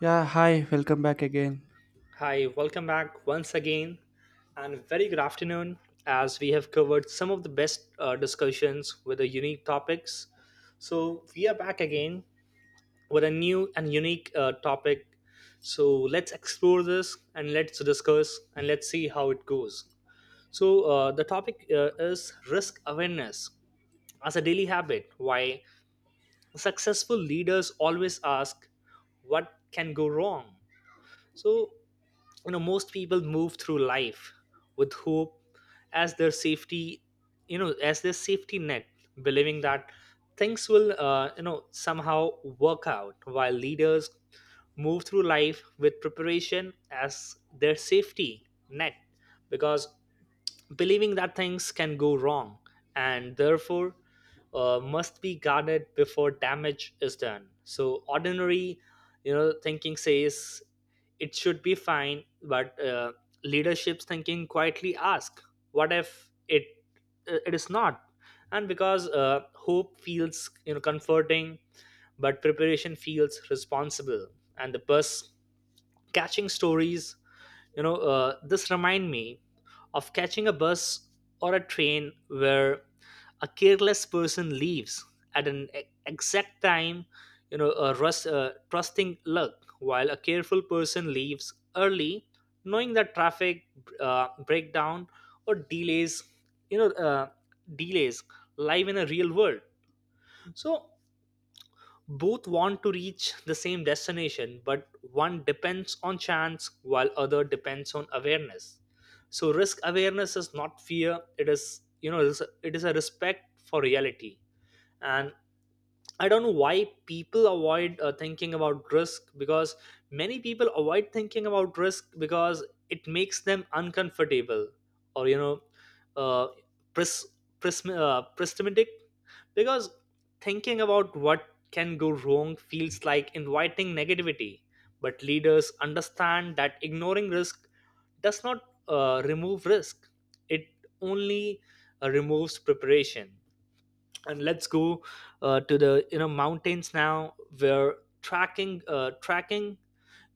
Yeah, hi, welcome back again. Hi, welcome back once again, and very good afternoon. As we have covered some of the best discussions with the unique topics, so we are back again with a new and unique topic. So let's explore this and let's discuss and let's see how it goes. So the topic is risk awareness as a daily habit. Why successful leaders always ask, "What can go wrong?" So most people move through life with hope as their safety, as their safety net, believing that things will somehow work out, while leaders move through life with preparation as their safety net, because believing that things can go wrong and therefore must be guarded before damage is done. So ordinary, thinking says it should be fine, but leadership's thinking quietly ask, what if it, is not. And because hope feels, comforting, but preparation feels responsible. And the bus catching stories, this remind me of catching a bus or a train, where a careless person leaves at an exact time, trusting luck, while a careful person leaves early, knowing that traffic, breakdown or delays you know delays live in a real world. So both want to reach the same destination, but one depends on chance while other depends on awareness. So risk awareness is not fear, it is, it is a respect for reality. And I don't know why people avoid thinking about risk, because many people avoid thinking about risk because it makes them uncomfortable, or uh, pres- prismatic, because thinking about what can go wrong feels like inviting negativity, but leaders understand that ignoring risk does not remove risk, it only removes preparation. And let's go to the, mountains now, where tracking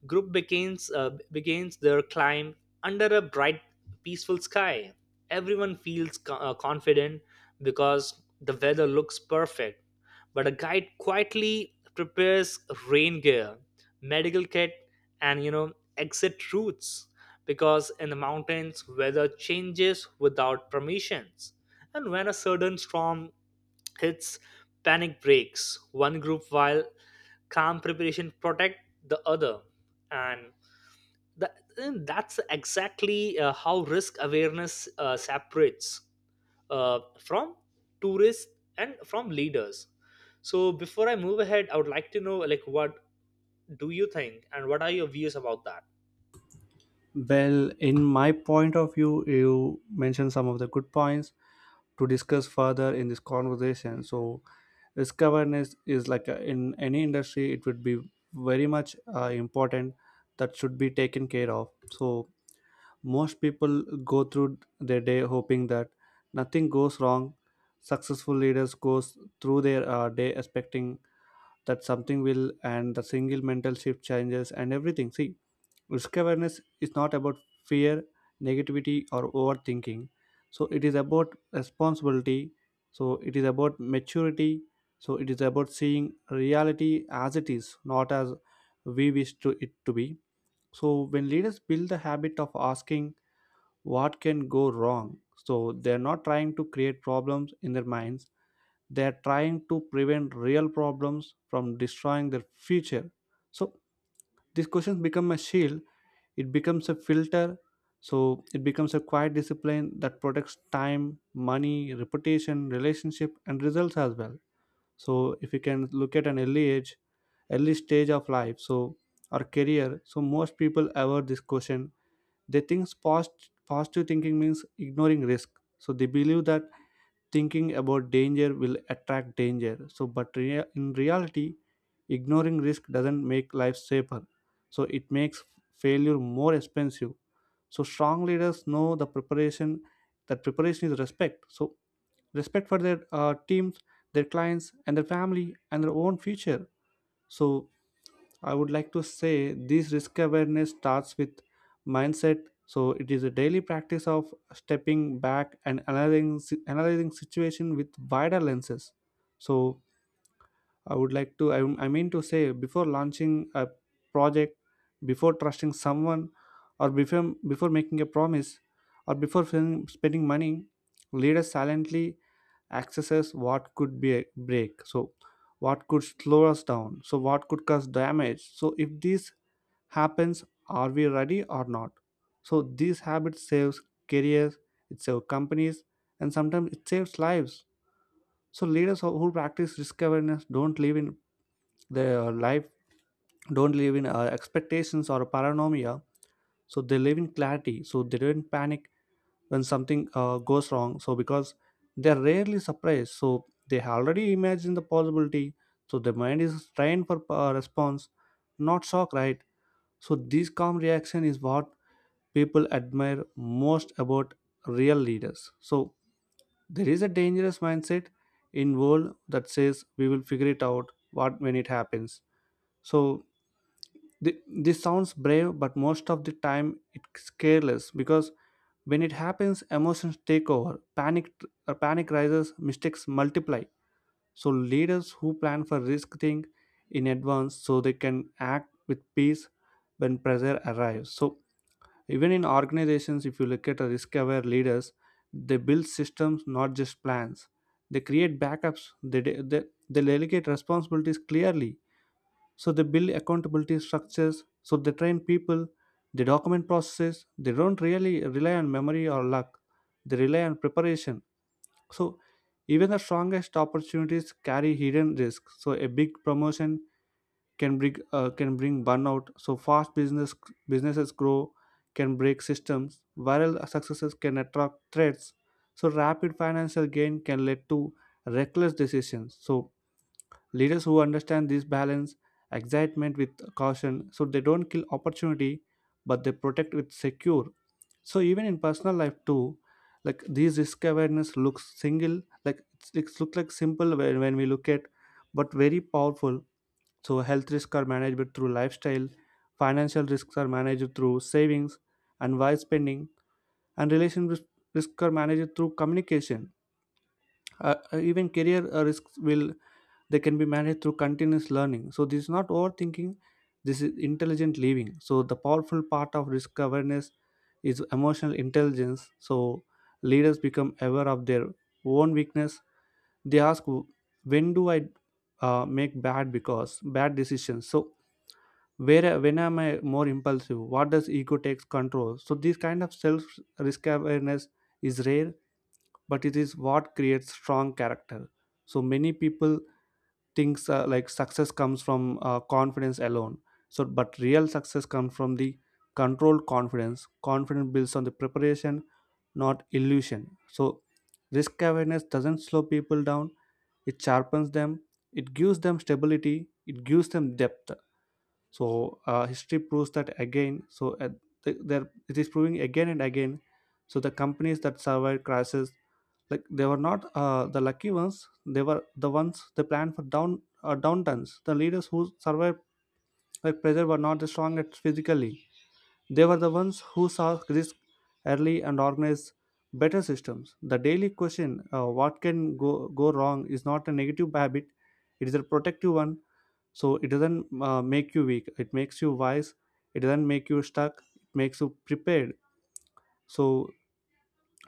group begins their climb under a bright, peaceful sky. Everyone feels confident because the weather looks perfect, but a guide quietly prepares rain gear, medical kit, and, exit routes, because in the mountains weather changes without permissions. And when a sudden storm hits, panic breaks one group while calm preparation protect the other. And that, and that's exactly how risk awareness separates from tourists and from leaders. So before I move ahead, I would like to know like what do you think and what are your views about that? Well, in my point of view, you mentioned some of the good points to discuss further in this conversation. So, risk awareness is like in any industry, it would be very much important that should be taken care of. So, most people go through their day hoping that nothing goes wrong. Successful leaders goes through their day expecting that something will, and the single mental shift changes and everything. See, risk awareness is not about fear, negativity, or overthinking, so it is about responsibility, so it is about maturity, so it is about seeing reality as it is, not as we wish to it to be. So when leaders build the habit of asking what can go wrong, so they are not trying to create problems in their minds, they are trying to prevent real problems from destroying their future. So these questions become a shield, it becomes a filter, so it becomes a quiet discipline that protects time, money, reputation, relationship, and results as well. So if you can look at an early age, early stage of life, so or career, so most people avoid this question. They think past positive thinking means ignoring risk, so they believe that thinking about danger will attract danger. So but in reality, ignoring risk doesn't make life safer, so it makes failure more expensive. So strong leaders know the preparation, that preparation is respect, so respect for their teams, their clients, and their family, and their own future. So, I would like to say this: risk awareness starts with mindset. So, it is a daily practice of stepping back and analyzing, analyzing situation with wider lenses. So, I would like to, I mean to say, before launching a project, before trusting someone, or before making a promise, or before spending money, leaders silently accesses what could be a break, so what could slow us down, so what could cause damage, so if this happens, are we ready or not? So these habits saves careers, it saves companies, and sometimes it saves lives. So leaders who practice risk awareness don't live in their life, don't live in expectations or paranoia, so they live in clarity, so they don't panic when something goes wrong, so because they're rarely surprised, so they already imagine the possibility, so the mind is trained for response, not shock, right? So this calm reaction is what people admire most about real leaders. So there is a dangerous mindset in world that says we will figure it out what when it happens. So Th- this sounds brave, but most of the time it's careless, because when it happens, emotions take over, panic, panic rises, mistakes multiply. So leaders who plan for risk think in advance, so they can act with peace when pressure arrives. So even in organizations, if you look at a risk-aware leaders, they build systems, not just plans. They create backups. They delegate responsibilities clearly, so they build accountability structures, so they train people, they document processes, they don't really rely on memory or luck, they rely on preparation. So even the strongest opportunities carry hidden risks. So a big promotion can bring burnout, so fast businesses grow can break systems, viral successes can attract threats, so rapid financial gain can lead to reckless decisions. So leaders who understand this balance excitement with caution, so they don't kill opportunity, but they protect with secure. So even in personal life too, like these risk awareness looks single, like it looks like simple when we look at, but very powerful. So health risks are managed through lifestyle, financial risks are managed through savings and wise spending, and relationship risks are managed through communication, even career risks will, they can be managed through continuous learning. So this is not overthinking, this is intelligent living. So the powerful part of risk awareness is emotional intelligence. So leaders become aware of their own weakness. They ask, when do I make bad, because bad decisions, so where, when am I more impulsive, what does ego takes control? So this kind of self risk awareness is rare, but it is what creates strong character. So many people thinks like success comes from confidence alone, so but real success comes from the controlled confidence, confidence builds on the preparation, not illusion. So risk awareness doesn't slow people down, it sharpens them, it gives them stability, it gives them depth. So history proves that again, so there it is proving again and again. So the companies that survived crashes, like they were not the lucky ones, they were the ones they planned for downturns. The leaders who survived like pressure were not the strongest physically, they were the ones who saw risk early and organized better systems. The daily question, what can go wrong, is not a negative habit, it is a protective one. So it doesn't make you weak, it makes you wise. It doesn't make you stuck, it makes you prepared. So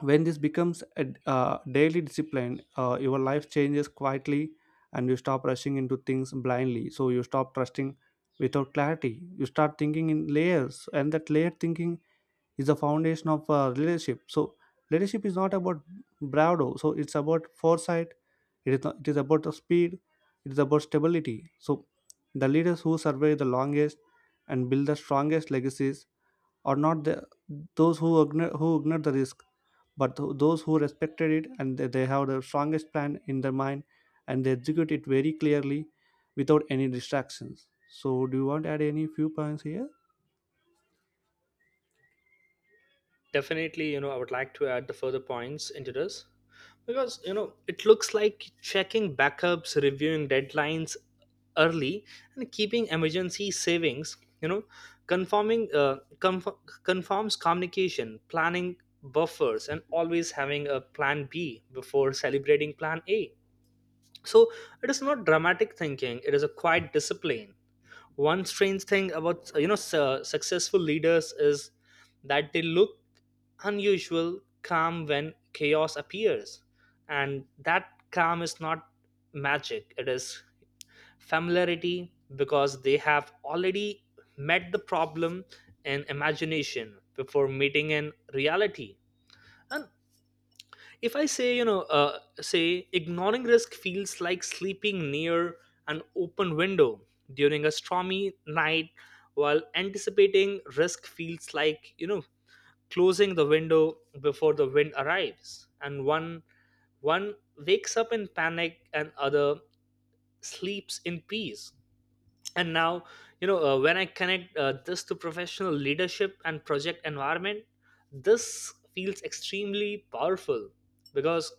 when this becomes a daily discipline, your life changes quietly, and you stop rushing into things blindly, so you stop trusting without clarity, you start thinking in layers, and that layered thinking is the foundation of leadership. So leadership is not about bravado. So it's about foresight. It is not, it is about the speed. It is about stability. So the leaders who survive the longest and build the strongest legacies are not the those who ignore the risk, but those who respected it, and they have the strongest plan in their mind, and they execute it very clearly without any distractions. So do you want to add any few points here? Definitely, I would like to add the further points into this because, it looks like checking backups, reviewing deadlines early, and keeping emergency savings, conforms communication, planning buffers, and always having a plan B before celebrating plan A. So it is not dramatic thinking, it is a quiet discipline. One strange thing about successful leaders is that they look unusual calm when chaos appears, and that calm is not magic, it is familiarity, because they have already met the problem in imagination before meeting in reality. And if I say you know say ignoring risk feels like sleeping near an open window during a stormy night, while anticipating risk feels like, closing the window before the wind arrives, and one wakes up in panic and other sleeps in peace. And now, when I connect this to professional leadership and project environment, this feels extremely powerful, because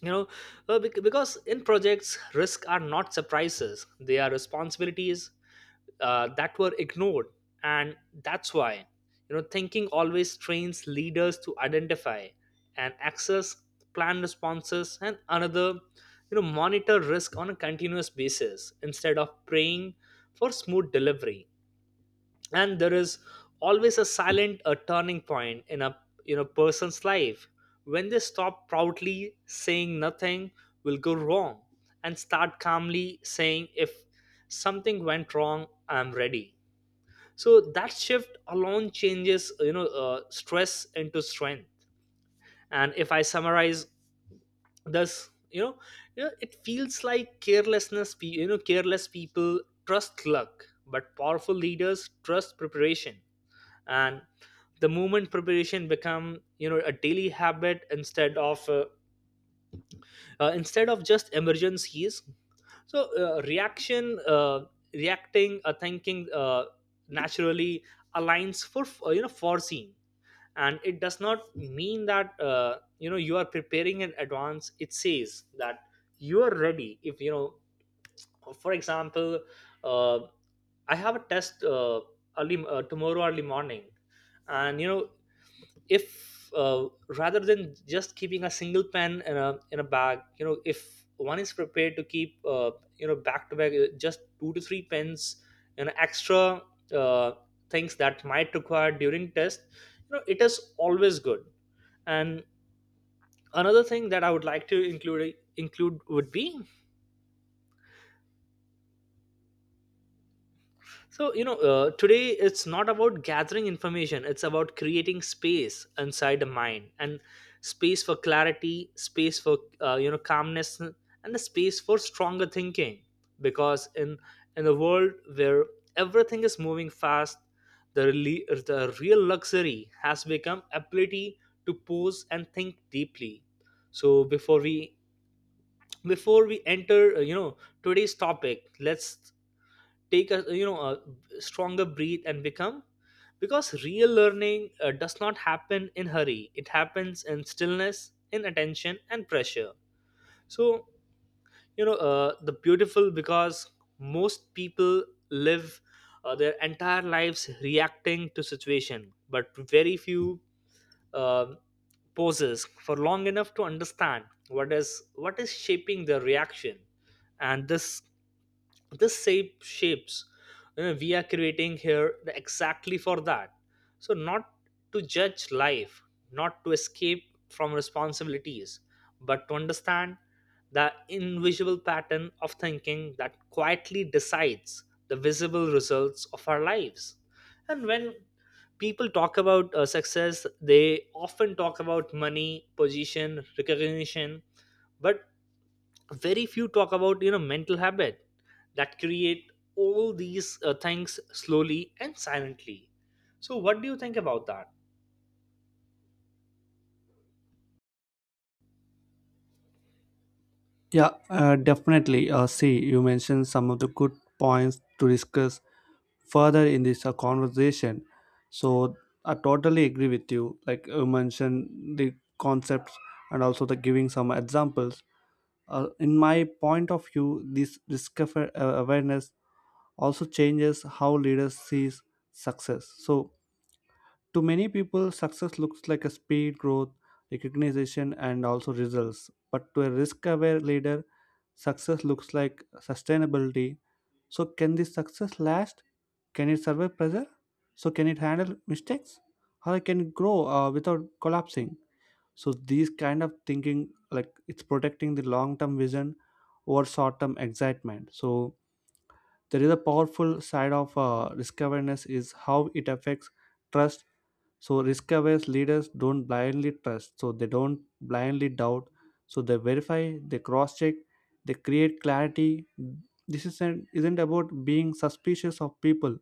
you know because in projects risks are not surprises, they are responsibilities that were ignored. And that's why, thinking always trains leaders to identify and access, plan responses, and another, monitor risk on a continuous basis instead of praying for smooth delivery. And there is always a silent, a turning point in a person's life, when they stop proudly saying nothing will go wrong and start calmly saying, if something went wrong, I'm ready. So that shift alone changes, stress into strength. And if I summarize this, it feels like, carelessness pe- you know careless people trust luck, but powerful leaders trust preparation. And the movement preparation become, a daily habit instead of just emergencies. So reaction reacting, thinking, naturally aligns for, foreseeing, and it does not mean that, you are preparing in advance, it says that you are ready if, for example, uh, I have a test, early, tomorrow early morning. And, you know if rather than just keeping a single pen in a bag, if one is prepared to keep, back to back, just two to three pens, extra uh, things that might require during test, it is always good. And another thing that I would like to include would be, so, today it's not about gathering information, it's about creating space inside the mind, and space for clarity, space for, calmness, and the space for stronger thinking. Because in a world where everything is moving fast, the real luxury has become ability to pause and think deeply. So before we enter, today's topic, let's take a you know a stronger breath and become, because real learning does not happen in hurry, it happens in stillness, in attention and pressure. So, the beautiful, because most people live their entire lives reacting to situation, but very few uh, pauses for long enough to understand what is shaping their reaction. And this, the same shapes, we are creating here exactly for that, so not to judge life, not to escape from responsibilities, but to understand the invisible pattern of thinking that quietly decides the visible results of our lives. And when people talk about success they often talk about money, position, recognition, but very few talk about, mental habit that create all these things slowly and silently. So what do you think about that? Yeah, definitely. See, you mentioned some of the good points to discuss further in this conversation. So I totally agree with you. Like you mentioned the concepts and also the giving some examples. In my point of view, this discover awareness also changes how leaders sees success. So to many people, success looks like a speed, growth, recognition, and also results. But to a risk aware leader, success looks like sustainability. So, can this success last? Can it survive pressure? So, can it handle mistakes? How can it grow without collapsing? So, these kind of thinking, like it's protecting the long term vision over short term excitement. So, there is a powerful side of risk awareness is how it affects trust. So risk averse leaders don't blindly trust, so they don't blindly doubt, so they verify, they cross check, they create clarity. This isn't about being suspicious of people,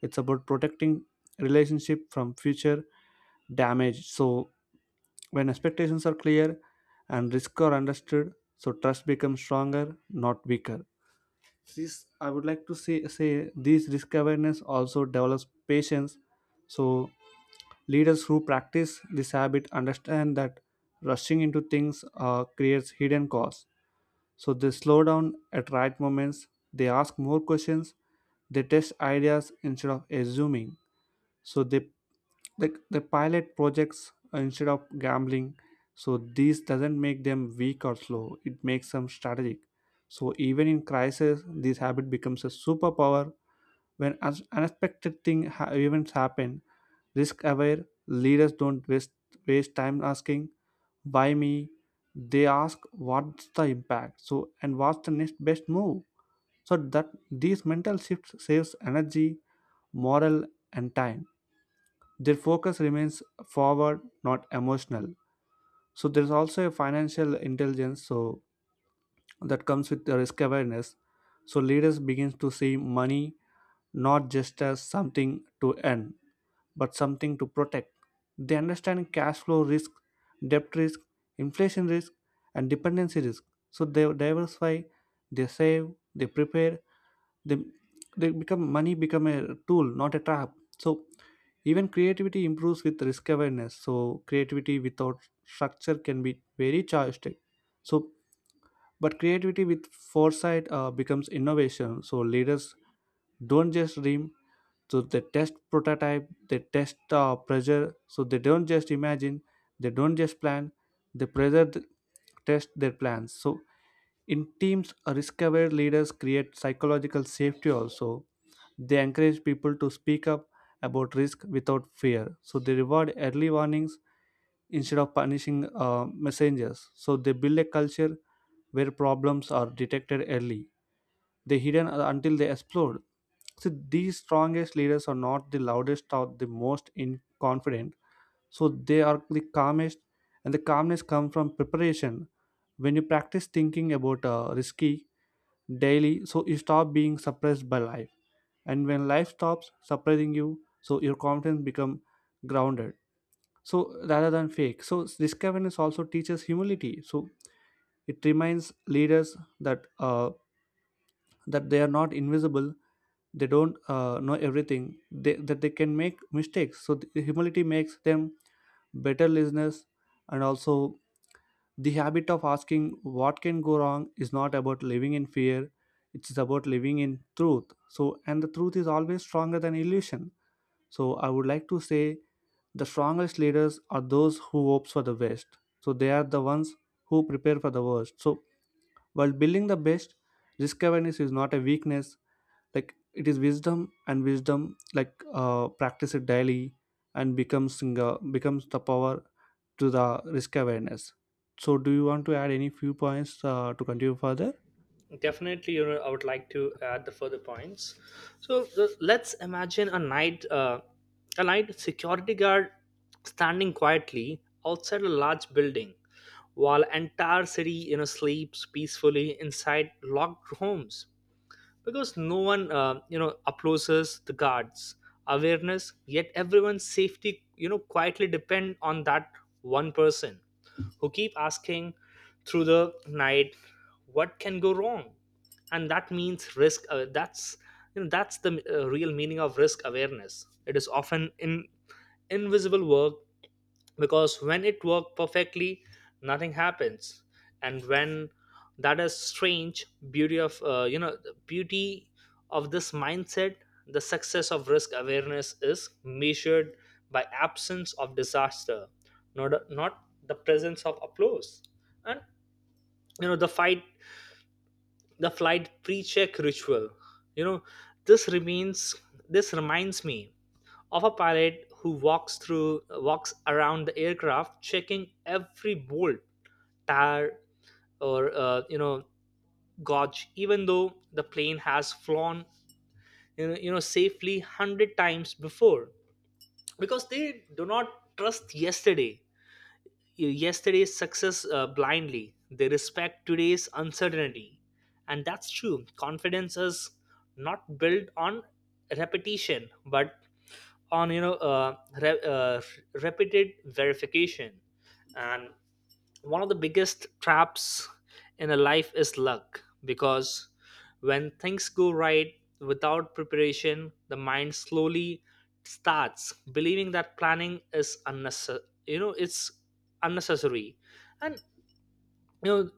it's about protecting relationship from future damage. So when expectations are clear and risk are understood, so trust becomes stronger, not weaker. This I would like to say this: risk awareness also develops patience. So leaders who practice this habit understand that rushing into things creates hidden costs. So they slow down at right moments, they ask more questions, they test ideas instead of assuming. So they like they pilot projects instead of gambling. So this doesn't make them weak or slow. It makes them strategic. So even in crisis, this habit becomes a superpower when unexpected events happen, risk aware leaders don't waste time asking why me. They ask, what's the impact, so and what's the next best move? So that these mental shifts saves energy, moral, and time. Their focus remains forward, not emotional. So there's also a financial intelligence, so that comes with the risk awareness. So leaders begins to see money not just as something to earn, but something to protect. They understand cash flow risk, debt risk, inflation risk, and dependency risk. So they diversify, they save, they prepare, they they become, money become a tool, not a trap. So even creativity improves with risk awareness. So creativity without structure can be very chaotic. So but creativity with foresight becomes innovation. So leaders don't just dream; so they test prototype, they test the pressure, so they don't just imagine, they don't just plan, they test their plans. So in teams, risk aware leaders create psychological safety also. They encourage people to speak up about risk without fear, so they reward early warnings instead of punishing messengers, so they build a culture where problems are detected early, they hidden until they explode. See, these strongest leaders are not the loudest or the most in confident. So they are the calmest, and the calmness comes from preparation. When you practice thinking about risky daily, so you stop being suppressed by life. And when life stops suppressing you, so your confidence become grounded. So rather than fake. So this awareness also teaches humility. So it reminds leaders that they are not invisible, they don't know everything, that they can make mistakes. So the humility makes them better listeners, and also the habit of asking what can go wrong is not about living in fear, it's about living in truth. So and the truth is always stronger than illusion. So I would like to say the strongest leaders are those who hopes for the best. So they are the ones who prepare for the worst, so while building the best, risk awareness is not a weakness, like it is wisdom. And wisdom, like practice it daily, and becomes becomes the power to the risk awareness. So do you want to add any few points to continue further? Definitely, I would like to add the further points. So let's imagine a night security guard standing quietly outside a large building, while entire city, sleeps peacefully inside locked rooms, because no one, opposes the guards awareness, yet everyone's safety, quietly depend on that one person who keep asking through the night, what can go wrong. And that means risk, that's you know that's the real meaning of risk awareness. It is often in invisible work, because when it works perfectly nothing happens. And when that is strange beauty of, the beauty of this mindset, the success of risk awareness is measured by absence of disaster, not the presence of applause. And, you know the fight the flight pre-check ritual, you know this remains this reminds me of a pilot who walks around the aircraft checking every bolt, tire, or, gauge, even though the plane has flown, safely 100 times before, because they do not trust yesterday's success blindly, they respect today's uncertainty. And that's, true confidence is not built on repetition, but on, re- uh, repeated verification. And one of the biggest traps in a life is luck, because when things go right without preparation the mind slowly starts believing that planning is unnecessary, it's unnecessary. And, you know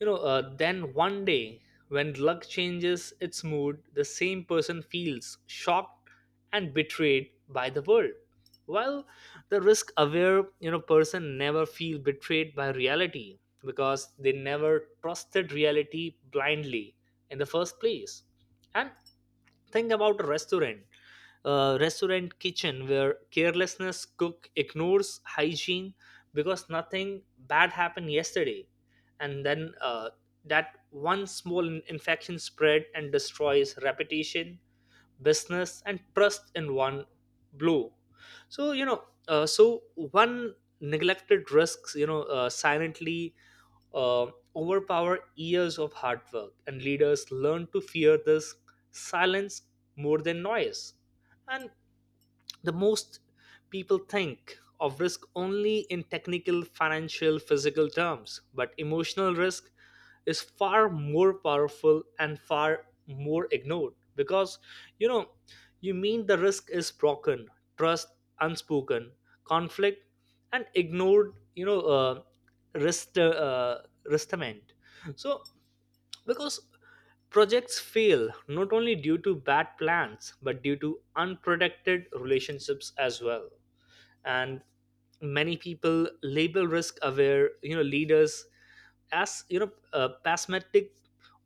then one day when luck changes its mood the same person feels shocked and betrayed by the world, while the risk aware, person never feel betrayed by reality, because they never trusted reality blindly in the first place. And think about a restaurant restaurant kitchen where carelessness cook ignores hygiene because nothing bad happened yesterday, and then that one small infection spread and destroys reputation, business, and trust in one blow. So, one neglected risks, silently uh, overpower years of hard work, and leaders learn to fear this silence more than noise. And the most people think of risk only in technical, financial, physical terms, but emotional risk is far more powerful and far more ignored, because, you know you mean the risk is broken trust, unspoken conflict, and ignored, rest uh, restament. So, because projects fail not only due to bad plans, but due to unprotected relationships as well. And many people label risk aware, leaders as, pessimistic,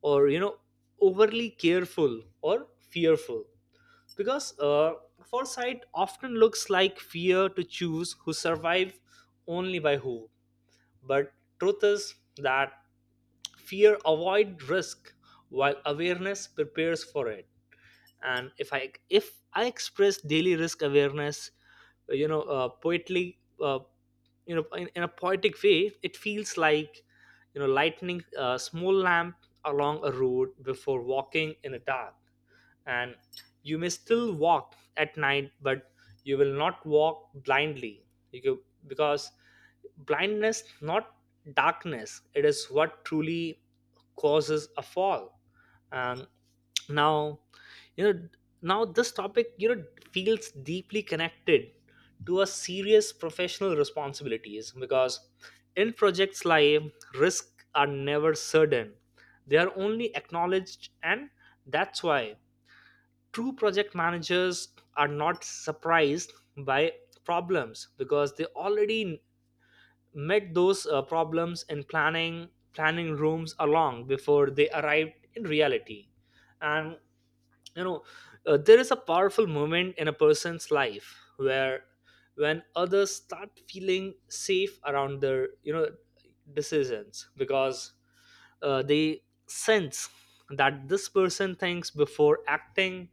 or, overly careful or fearful, because foresight often looks like fear to choose who survive only by who. But truth is that fear avoid risk while awareness prepares for it. And if I express daily risk awareness, you know poetly you know in, a poetic way, it feels like, lightning a small lamp along a road before walking in the dark, and you may still walk at night, but you will not walk blindly, you could, because blindness not darkness, it is what truly causes a fall. Um, now you know now this topic, feels deeply connected to a serious professional responsibilities, because in projects life risks are never certain, they are only acknowledged. And that's why true project managers are not surprised by problems, because they already met those problems in planning rooms along before they arrived in reality. And, you know there is a powerful moment in a person's life where, when others start feeling safe around their, decisions, because they sense that this person thinks before acting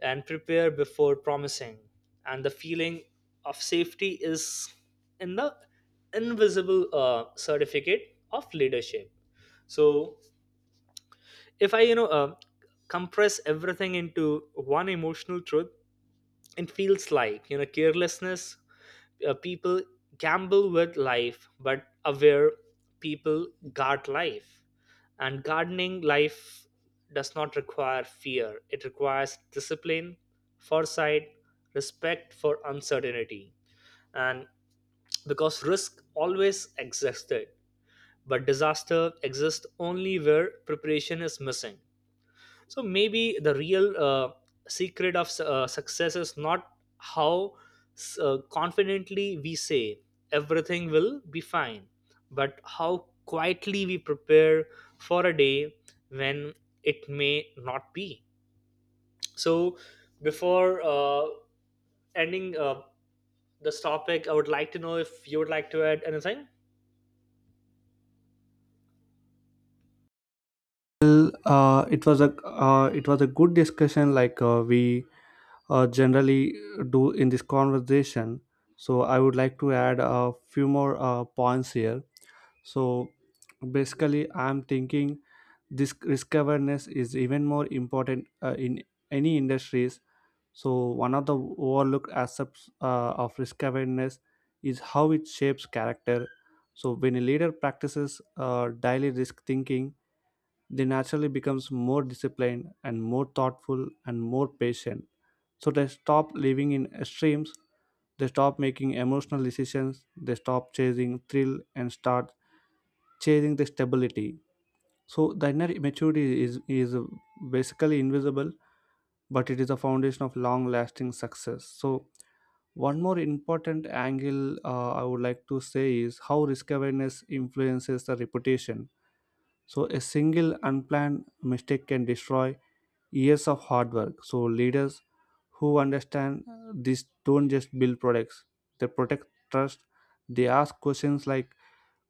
and prepare before promising. And the feeling of safety is in the invisible, certificate of leadership. So if I, compress everything into one emotional truth, it feels like, carelessness, people gamble with life, but aware people guard life, and gardening life does not require fear, it requires discipline, foresight, respect for uncertainty, and because risk always existed, but disaster exists only where preparation is missing. So maybe the real secret of success is not how confidently we say everything will be fine, but how quietly we prepare for a day when it may not be. So before ending this topic, I would like to know if you would like to add anything. Well, it was a good discussion, like we generally do in this conversation. So I would like to add a few more points here. So basically I'm thinking this risk awareness is even more important in any industries. So one of the overlooked aspects of risk awareness is how it shapes character. So when a leader practices daily risk thinking, they naturally becomes more disciplined and more thoughtful and more patient. So they stop living in extremes, they stop making emotional decisions, they stop chasing thrill and start chasing the stability. So the inner maturity is basically invisible, but it is a foundation of long-lasting success. So one more important angle I would like to say is how risk awareness influences the reputation. So a single unplanned mistake can destroy years of hard work. So leaders who understand this don't just build products; they protect trust. They ask questions like,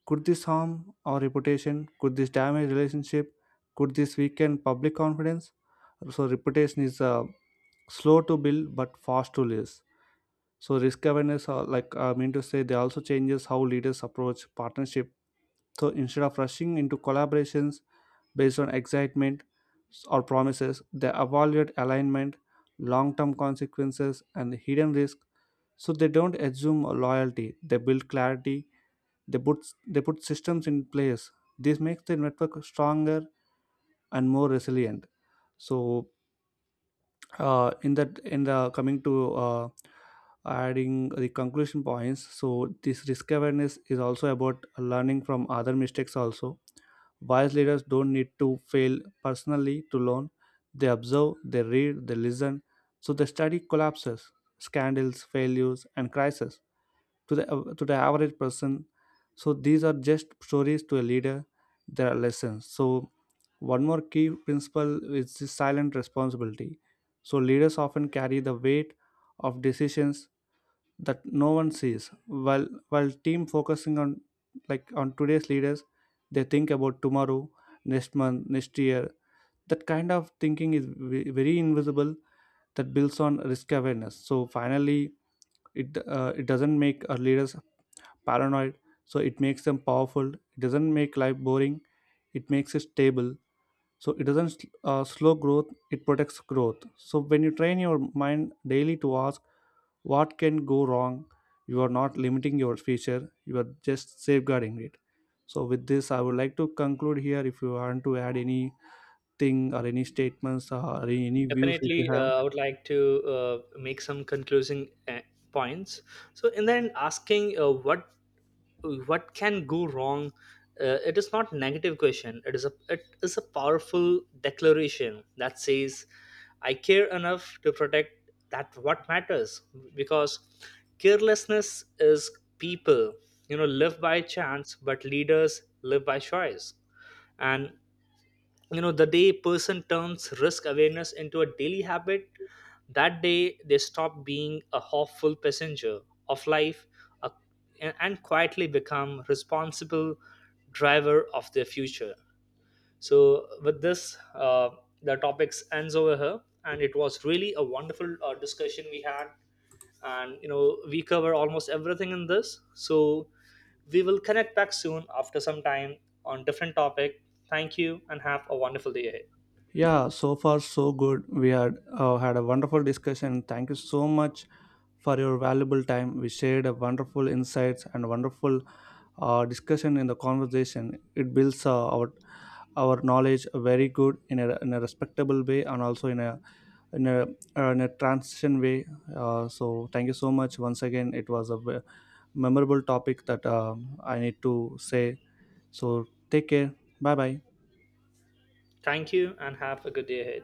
could this harm our reputation? Could this damage relationship? Could this weaken public confidence? So reputation is slow to build but fast to lose. So risk awareness, like I mean to say, they also changes how leaders approach partnership. So instead of rushing into collaborations based on excitement or promises, they evaluate alignment, long-term consequences, and hidden risk. So they don't assume loyalty; they build clarity. They put they put systems in place. This makes the network stronger and more resilient. So in the coming to adding the conclusion points, so this risk awareness is also about learning from other mistakes also. Wise leaders don't need to fail personally to learn, they observe, they read, they listen. So the study collapses, scandals, failures and crises, to the average person, so these are just stories, to a leader there are lessons. So one more key principle is the silent responsibility. So leaders often carry the weight of decisions that no one sees, while team focusing on, like on today's leaders, they think about tomorrow, next month, next year. That kind of thinking is very invisible, that builds on risk awareness. So finally, it it doesn't make our leaders paranoid, so it makes them powerful. It doesn't make life boring, it makes it stable. So it doesn't slow growth, it protects growth. So when you train your mind daily to ask what can go wrong, you are not limiting your future, you are just safeguarding it. So with this I would like to conclude here if you want to add anything, or any statements or any views Definitely, if you have. I would like to make some concluding points. So, and then asking, what can go wrong, it is not negative question, it is a powerful declaration that says, I care enough to protect that what matters, because carelessness is people, live by chance, but leaders live by choice. And, the day person turns risk awareness into a daily habit, that day, they stop being a hopeful passenger of life, uh, and quietly become responsible driver of their future. So, with this, the topics ends over here, and it was really a wonderful discussion we had, and, we cover almost everything in this. So, we will connect back soon after some time on different topic. Thank you and have a wonderful day ahead. Yeah, so far so good. We had had a wonderful discussion. Thank you so much for your valuable time. We shared a wonderful insights and wonderful discussion in the conversation. It builds our knowledge very good in a respectable way, and also in a, in a transition way. So thank you so much once again. It was a memorable topic that I need to say. So take care. Bye bye. Thank you and have a good day ahead.